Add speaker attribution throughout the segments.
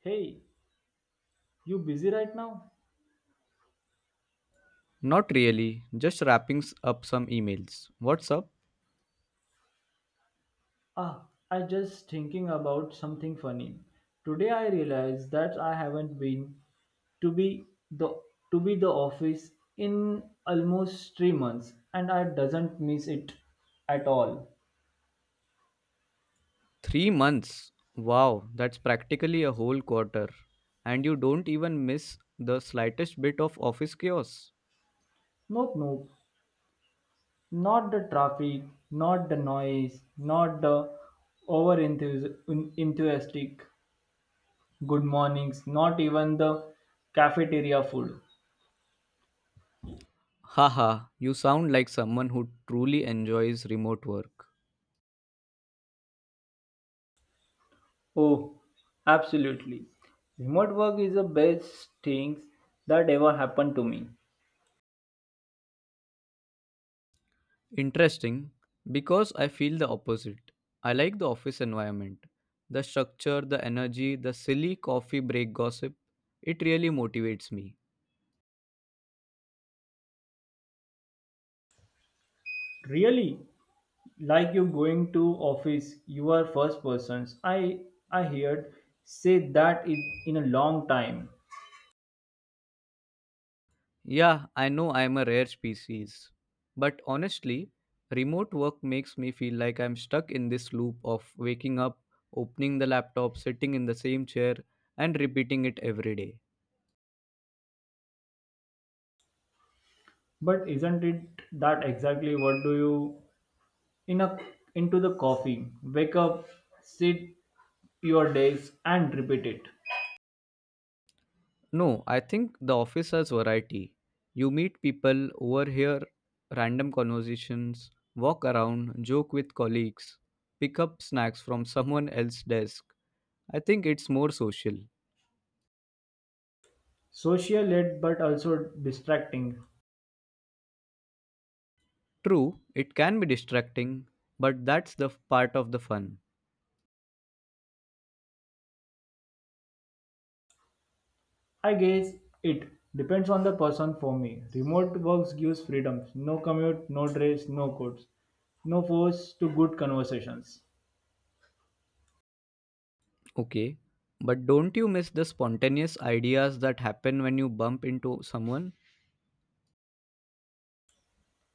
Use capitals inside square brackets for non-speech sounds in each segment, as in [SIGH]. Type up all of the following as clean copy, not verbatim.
Speaker 1: Hey, you busy right now?
Speaker 2: Not really, just wrapping up some emails. What's up?
Speaker 1: I just thinking about something funny. Today I realized that I haven't been to be the to be the office in almost 3 months and I doesn't miss it at all.
Speaker 2: 3 months. Wow, that's practically a whole quarter. And you don't even miss the slightest bit of office chaos.
Speaker 1: Nope, nope. Not the traffic, not the noise, not the over enthusiastic good mornings, not even the cafeteria food.
Speaker 2: Haha, you sound like someone who truly enjoys remote work.
Speaker 1: Oh, absolutely. Remote work is the best thing that ever happened to me.
Speaker 2: Interesting, because I feel the opposite. I like the office environment. The structure, the energy, the silly coffee break gossip. It really motivates me.
Speaker 1: Really, like you going to office, you are first persons. I heard say that it in a long time.
Speaker 2: Yeah, I know I'm a rare species. But honestly, remote work makes me feel like I'm stuck in this loop of waking up, opening the laptop, sitting in the same chair, and repeating it every day.
Speaker 1: But isn't it that exactly what do you in a into the coffee? Wake up, sit your days and repeat it.
Speaker 2: No, I think the office has variety. You meet people, overhear random conversations, walk around, joke with colleagues, pick up snacks from someone else's desk. I think it's more social.
Speaker 1: Social led but also distracting.
Speaker 2: True, it can be distracting, but that's part of the fun.
Speaker 1: I guess it depends on the person for me. Remote works gives freedoms. No commute, no dress, no codes, no force to good conversations.
Speaker 2: Okay. But don't you miss the spontaneous ideas that happen when you bump into someone?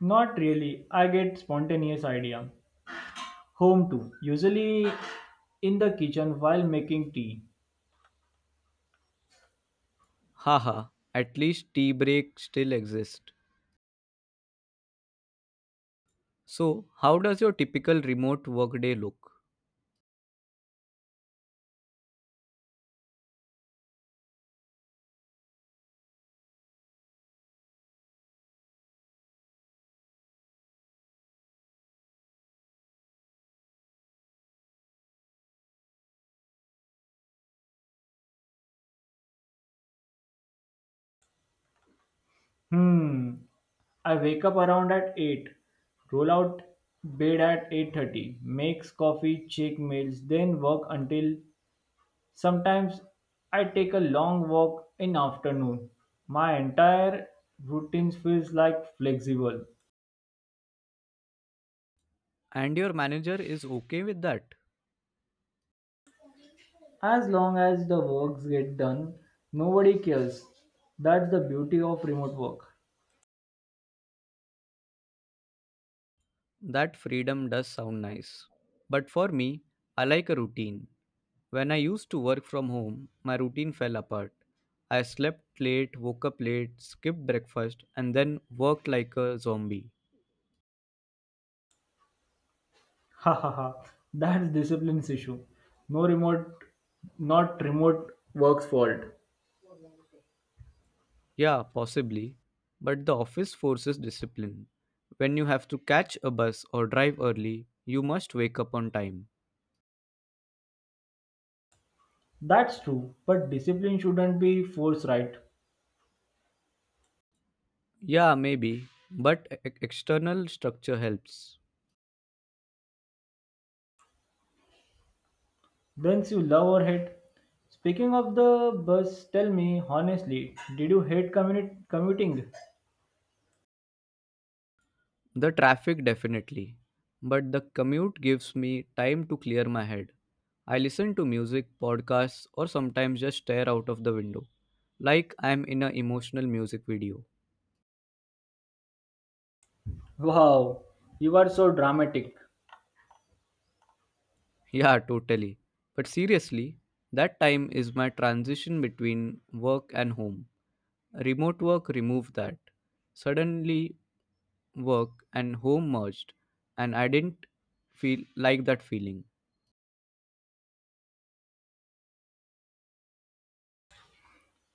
Speaker 1: Not really. I get spontaneous idea. Home too. Usually in the kitchen while making tea.
Speaker 2: Haha, at least tea break still exists. So, how does your typical remote workday look?
Speaker 1: Hmm. I wake up around at 8. Roll out bed at 8:30. Makes coffee, check mails, then work until. Sometimes I take a long walk in afternoon. My entire routine feels like flexible.
Speaker 2: And your manager is okay with that?
Speaker 1: As long as the works get done, nobody cares. That's the beauty of remote work. [LAUGHS]
Speaker 2: That freedom does sound nice. But for me, I like a routine. When I used to work from home, my routine fell apart. I slept late, woke up late, skipped breakfast, and then worked like a zombie.
Speaker 1: Ha ha ha. That's discipline's issue. No remote, not remote work's fault.
Speaker 2: Yeah, possibly. But the office forces discipline. When you have to catch a bus or drive early, you must wake up on time.
Speaker 1: That's true, but discipline shouldn't be forced, right?
Speaker 2: Yeah, maybe. But external structure helps.
Speaker 1: Brings you love or hate. Speaking of the bus, tell me honestly, did you hate commuting?
Speaker 2: The traffic definitely. But the commute gives me time to clear my head. I listen to music, podcasts, or sometimes just stare out of the window, like I'm in an emotional music video.
Speaker 1: Wow, you are so dramatic.
Speaker 2: Yeah, totally. But seriously, that time is my transition between work and home. Remote work removed that. Suddenly, work and home merged, and I didn't feel like that feeling.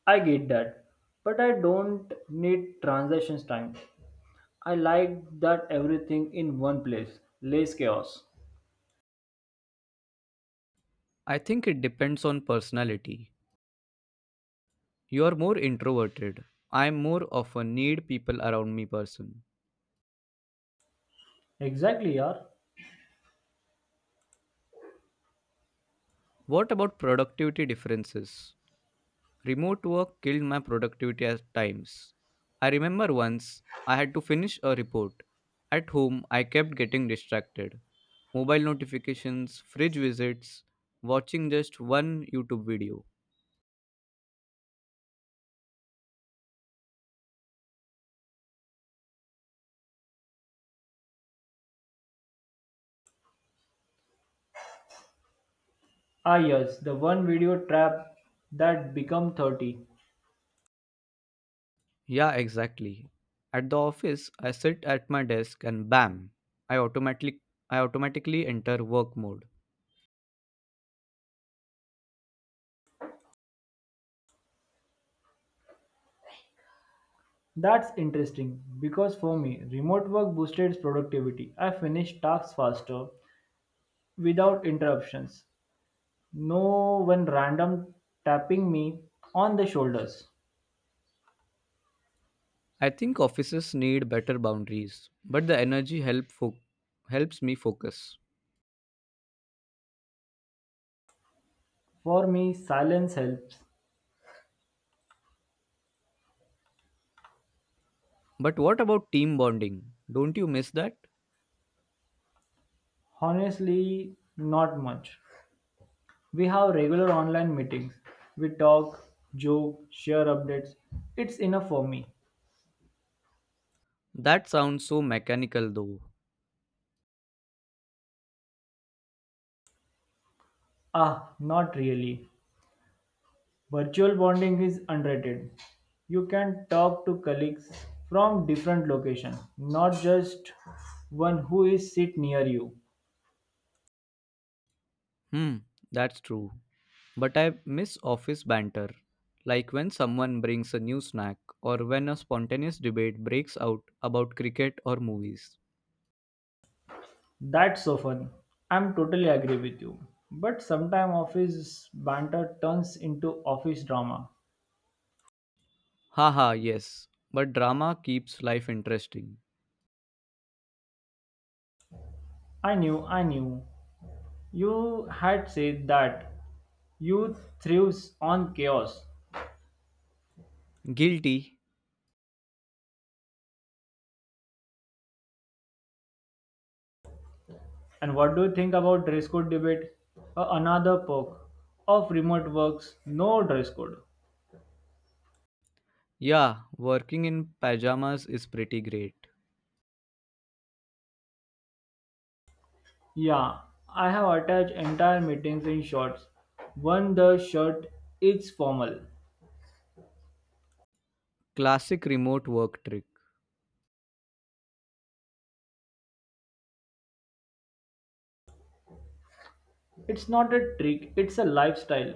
Speaker 1: I get that. But I don't need transitions time. I like that everything in one place. Less chaos.
Speaker 2: I think it depends on personality. You are more introverted. I am more of a need people around me person.
Speaker 1: Exactly, yaar.
Speaker 2: What about productivity differences? Remote work killed my productivity at times. I remember once I had to finish a report. At home, I kept getting distracted. Mobile notifications, fridge visits, watching just one YouTube video.
Speaker 1: Yes, the one video trap that become 30.
Speaker 2: Yeah, exactly. At the office, I sit at my desk and bam, I automatically I automatically enter work mode.
Speaker 1: That's interesting because for me, remote work boosted productivity. I finished tasks faster without interruptions. No one random tapping me on the shoulders.
Speaker 2: I think offices need better boundaries, but the energy helps me focus.
Speaker 1: For me, silence helps.
Speaker 2: But what about team bonding? Don't you miss that?
Speaker 1: Honestly, not much. We have regular online meetings. We talk, joke, share updates. It's enough for me.
Speaker 2: That sounds so mechanical though.
Speaker 1: Not really. Virtual bonding is underrated. You can talk to colleagues from different locations, not just one who is sit near you.
Speaker 2: Hmm, that's true. But I miss office banter. Like when someone brings a new snack or when a spontaneous debate breaks out about cricket or movies.
Speaker 1: That's so fun. I'm totally agree with you. But sometime office banter turns into office drama.
Speaker 2: Haha, yes. But drama keeps life interesting.
Speaker 1: I knew. You had said that you thrives on chaos.
Speaker 2: Guilty?
Speaker 1: And what do you think about dress code debate? Another perk of remote works, no dress code.
Speaker 2: Yeah, working in pajamas is pretty great.
Speaker 1: Yeah, I have attached entire meetings in shorts. One the shirt is formal.
Speaker 2: Classic remote work trick.
Speaker 1: It's not a trick, it's a lifestyle.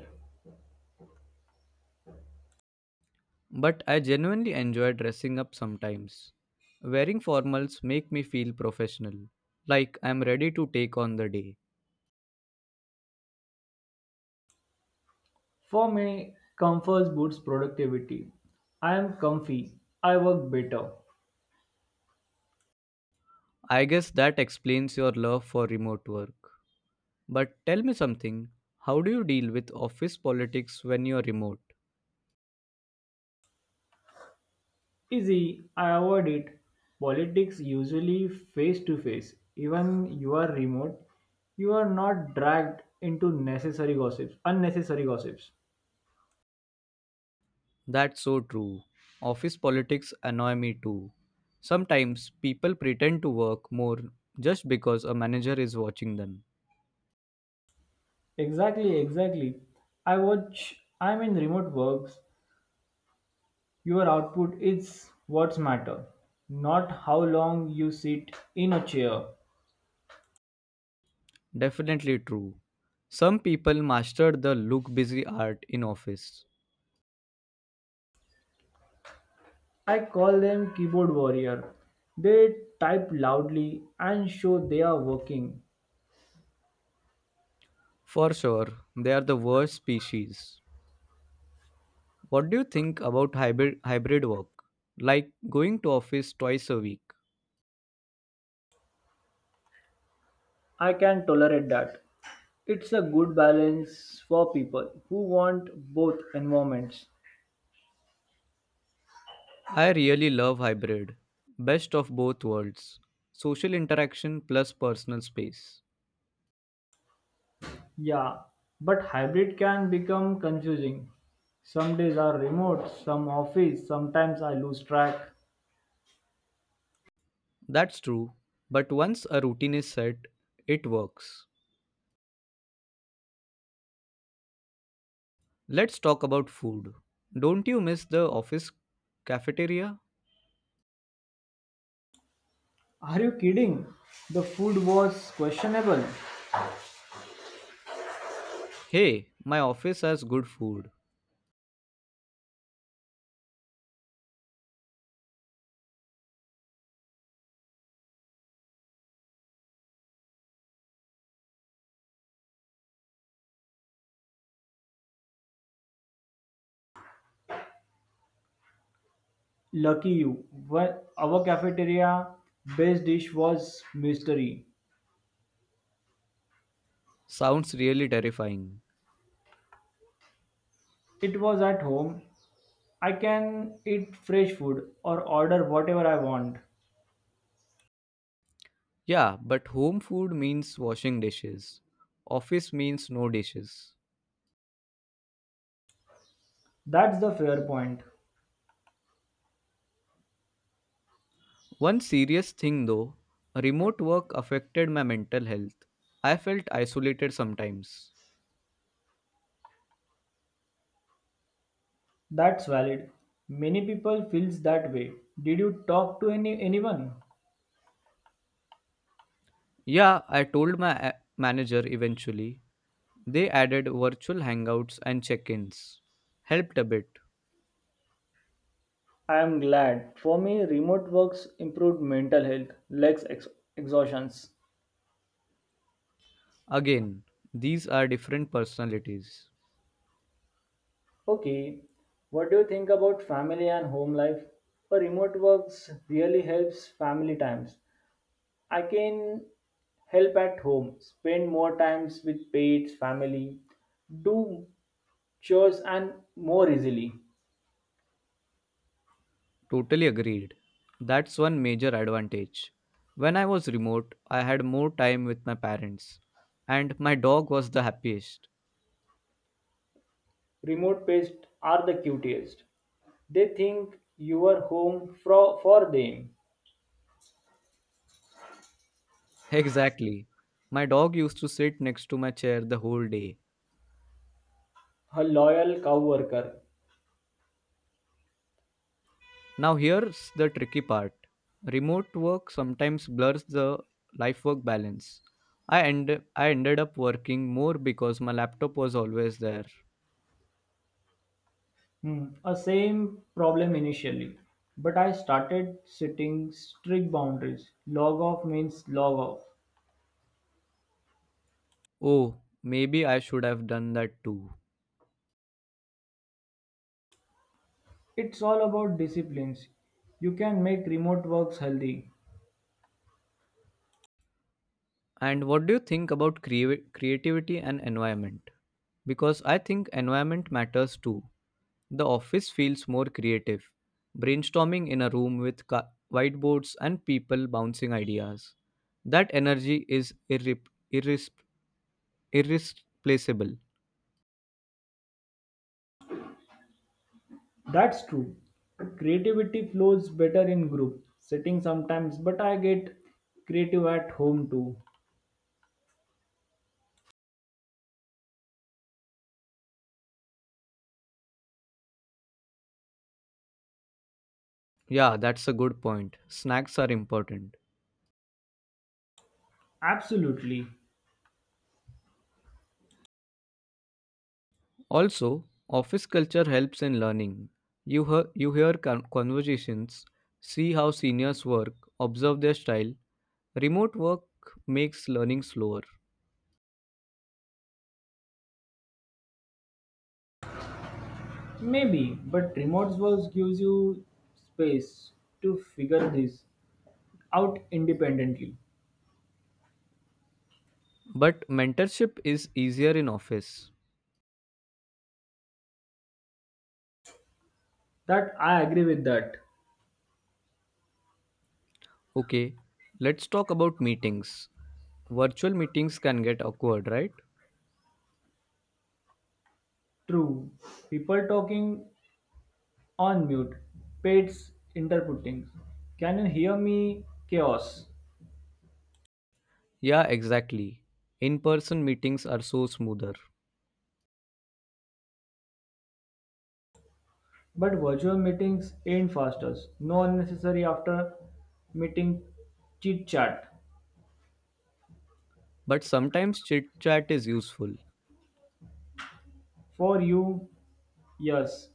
Speaker 2: But I genuinely enjoy dressing up sometimes. Wearing formals make me feel professional, like I'm ready to take on the day.
Speaker 1: For me, comfort boosts productivity. I am comfy, I work better.
Speaker 2: I guess that explains your love for remote work. But tell me something, how do you deal with office politics when you're remote?
Speaker 1: Easy, I avoid it. Politics usually face to face. Even you are remote, you are not dragged into unnecessary gossips.
Speaker 2: That's so true. Office politics annoy me too. Sometimes people pretend to work more just because a manager is watching them.
Speaker 1: Exactly, exactly. I'm in remote works. Your output is what's matter, not how long you sit in a chair.
Speaker 2: Definitely true. Some people mastered the look busy art in office.
Speaker 1: I call them keyboard warrior. They type loudly and show they are working.
Speaker 2: For sure, they are the worst species. What do you think about hybrid work? Like going to office twice a week.
Speaker 1: I can tolerate that. It's a good balance for people who want both environments.
Speaker 2: I really love hybrid. Best of both worlds. Social interaction plus personal space.
Speaker 1: Yeah, but hybrid can become confusing. Some days are remote, some office, sometimes I lose track.
Speaker 2: That's true, but once a routine is set, it works. Let's talk about food. Don't you miss the office cafeteria?
Speaker 1: Are you kidding? The food was questionable.
Speaker 2: Hey, my office has good food.
Speaker 1: Lucky you. Well, our cafeteria best dish was mystery.
Speaker 2: Sounds really terrifying.
Speaker 1: It was at home I can eat fresh food or order whatever I want.
Speaker 2: Yeah, but home food means washing dishes. Office means no dishes.
Speaker 1: That's the fair point.
Speaker 2: One serious thing though, remote work affected my mental health. I felt isolated sometimes.
Speaker 1: That's valid. Many people feels that way. Did you talk to anyone?
Speaker 2: Yeah, I told my manager eventually. They added virtual hangouts and check ins. Helped a bit.
Speaker 1: I am glad. For me, remote works improved mental health, less exhaustions.
Speaker 2: Again, these are different personalities.
Speaker 1: Okay, what do you think about family and home life? For remote works really helps family times. I can help at home, spend more times with pets, family, do chores and more easily.
Speaker 2: Totally agreed. That's one major advantage. When I was remote, I had more time with my parents, and my dog was the happiest.
Speaker 1: Remote pests are the cutest. They think you are home for them.
Speaker 2: [LAUGHS] Exactly. My dog used to sit next to my chair the whole day.
Speaker 1: A loyal cow worker.
Speaker 2: Now, here's the tricky part remote work sometimes blurs the life work balance. I ended up working more because my laptop was always there.
Speaker 1: A same problem initially, but I started setting strict boundaries. Log off means log off.
Speaker 2: Oh, maybe I should have done that too.
Speaker 1: It's all about disciplines. You can make remote works healthy.
Speaker 2: And what do you think about creativity and environment? Because I think environment matters too. The office feels more creative, brainstorming in a room with whiteboards and people bouncing ideas. That energy is irris- irreplaceable.
Speaker 1: That's true. Creativity flows better in group setting sometimes, but I get creative at home too.
Speaker 2: Yeah, that's a good point. Snacks are important.
Speaker 1: Absolutely.
Speaker 2: Also, office culture helps in learning. You hear conversations, see how seniors work, observe their style. Remote work makes learning slower,
Speaker 1: Maybe, but remote work gives you space to figure this out independently.
Speaker 2: but mentorship is easier in office.
Speaker 1: That I agree with that.
Speaker 2: Okay, let's talk about meetings. Virtual meetings can get awkward, right?
Speaker 1: True. People talking on mute, pets interpreting. Can you hear me? Chaos.
Speaker 2: Yeah, exactly. In person meetings are so smoother,
Speaker 1: But virtual meetings ain't faster. No unnecessary after meeting chit chat.
Speaker 2: but sometimes chit chat is useful.
Speaker 1: For you, yes.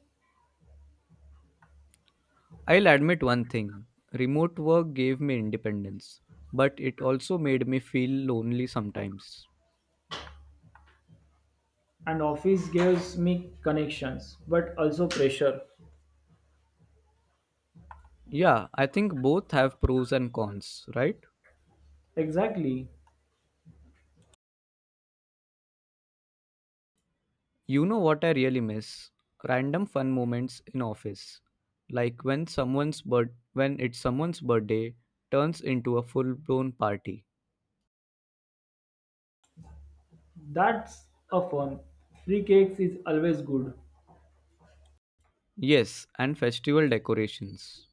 Speaker 2: I'll admit one thing remote work gave me independence, but it also made me feel lonely sometimes.
Speaker 1: And office gives me connections, but also pressure.
Speaker 2: Yeah, I think both have pros and cons, right?
Speaker 1: Exactly.
Speaker 2: You know what I really miss? Random fun moments in office. Like when it's someone's birthday turns into a full-blown party.
Speaker 1: That's a fun. Free cakes is always good.
Speaker 2: Yes, and festival decorations.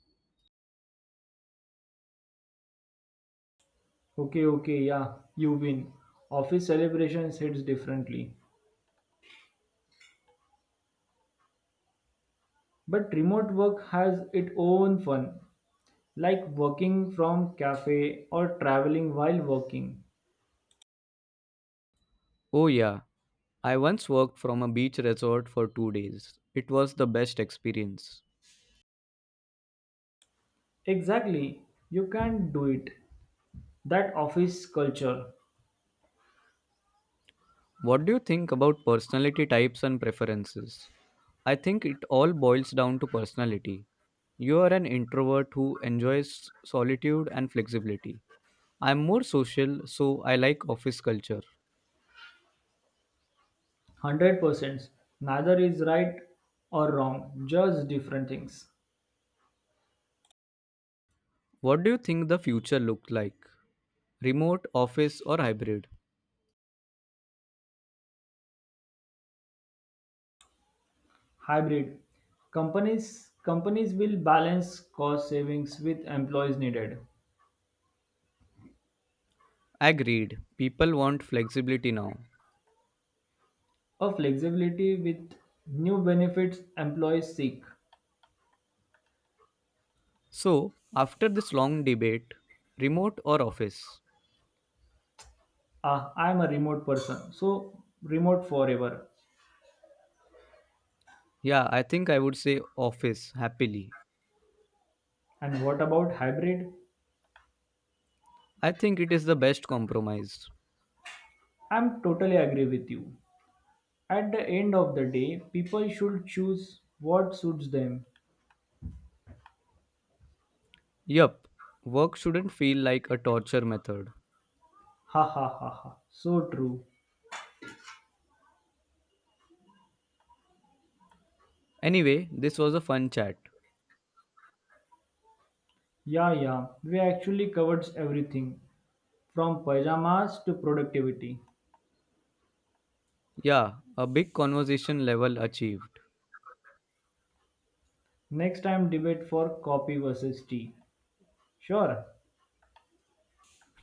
Speaker 1: Okay, okay, yeah, you win. Office celebrations hits differently. But remote work has its own fun, like working from cafe or traveling while working.
Speaker 2: Oh yeah, I once worked from a beach resort for 2 days. It was the best experience.
Speaker 1: Exactly. You can do it. That office culture,
Speaker 2: What do you think about personality types and preferences? I think it all boils down to personality. You are an introvert who enjoys solitude and flexibility. I'm more social, so I like office culture.
Speaker 1: 100%. Neither is right or wrong, just different things.
Speaker 2: What do you think the future looks like? Remote, office, or hybrid?
Speaker 1: Hybrid companies will balance cost savings with employees needed
Speaker 2: Agreed. People want flexibility now.
Speaker 1: or flexibility with new benefits employees seek.
Speaker 2: So, after this long debate, remote or office?
Speaker 1: I'm a remote person, so remote forever.
Speaker 2: Yeah, I think I would say office happily.
Speaker 1: And what about hybrid?
Speaker 2: I think it is the best compromise.
Speaker 1: I'm totally agree with you. At the end of the day, people should choose what suits them.
Speaker 2: Yup, work shouldn't feel like a torture method.
Speaker 1: Ha ha ha ha. So true.
Speaker 2: Anyway, this was a fun chat.
Speaker 1: Yeah, yeah. We actually covered everything from pajamas to productivity.
Speaker 2: Yeah, a big conversation level achieved.
Speaker 1: Next time, debate for coffee versus tea. Sure.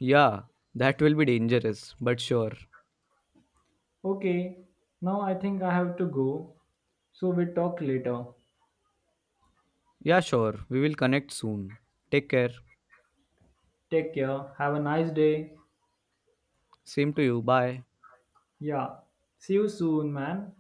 Speaker 2: Yeah, that will be dangerous, but sure.
Speaker 1: Okay. Now I think I have to go. So we talk later.
Speaker 2: Yeah, sure. We will connect soon. Take care.
Speaker 1: Take care. Have a nice day.
Speaker 2: Same to you. Bye.
Speaker 1: Yeah. See you soon, man.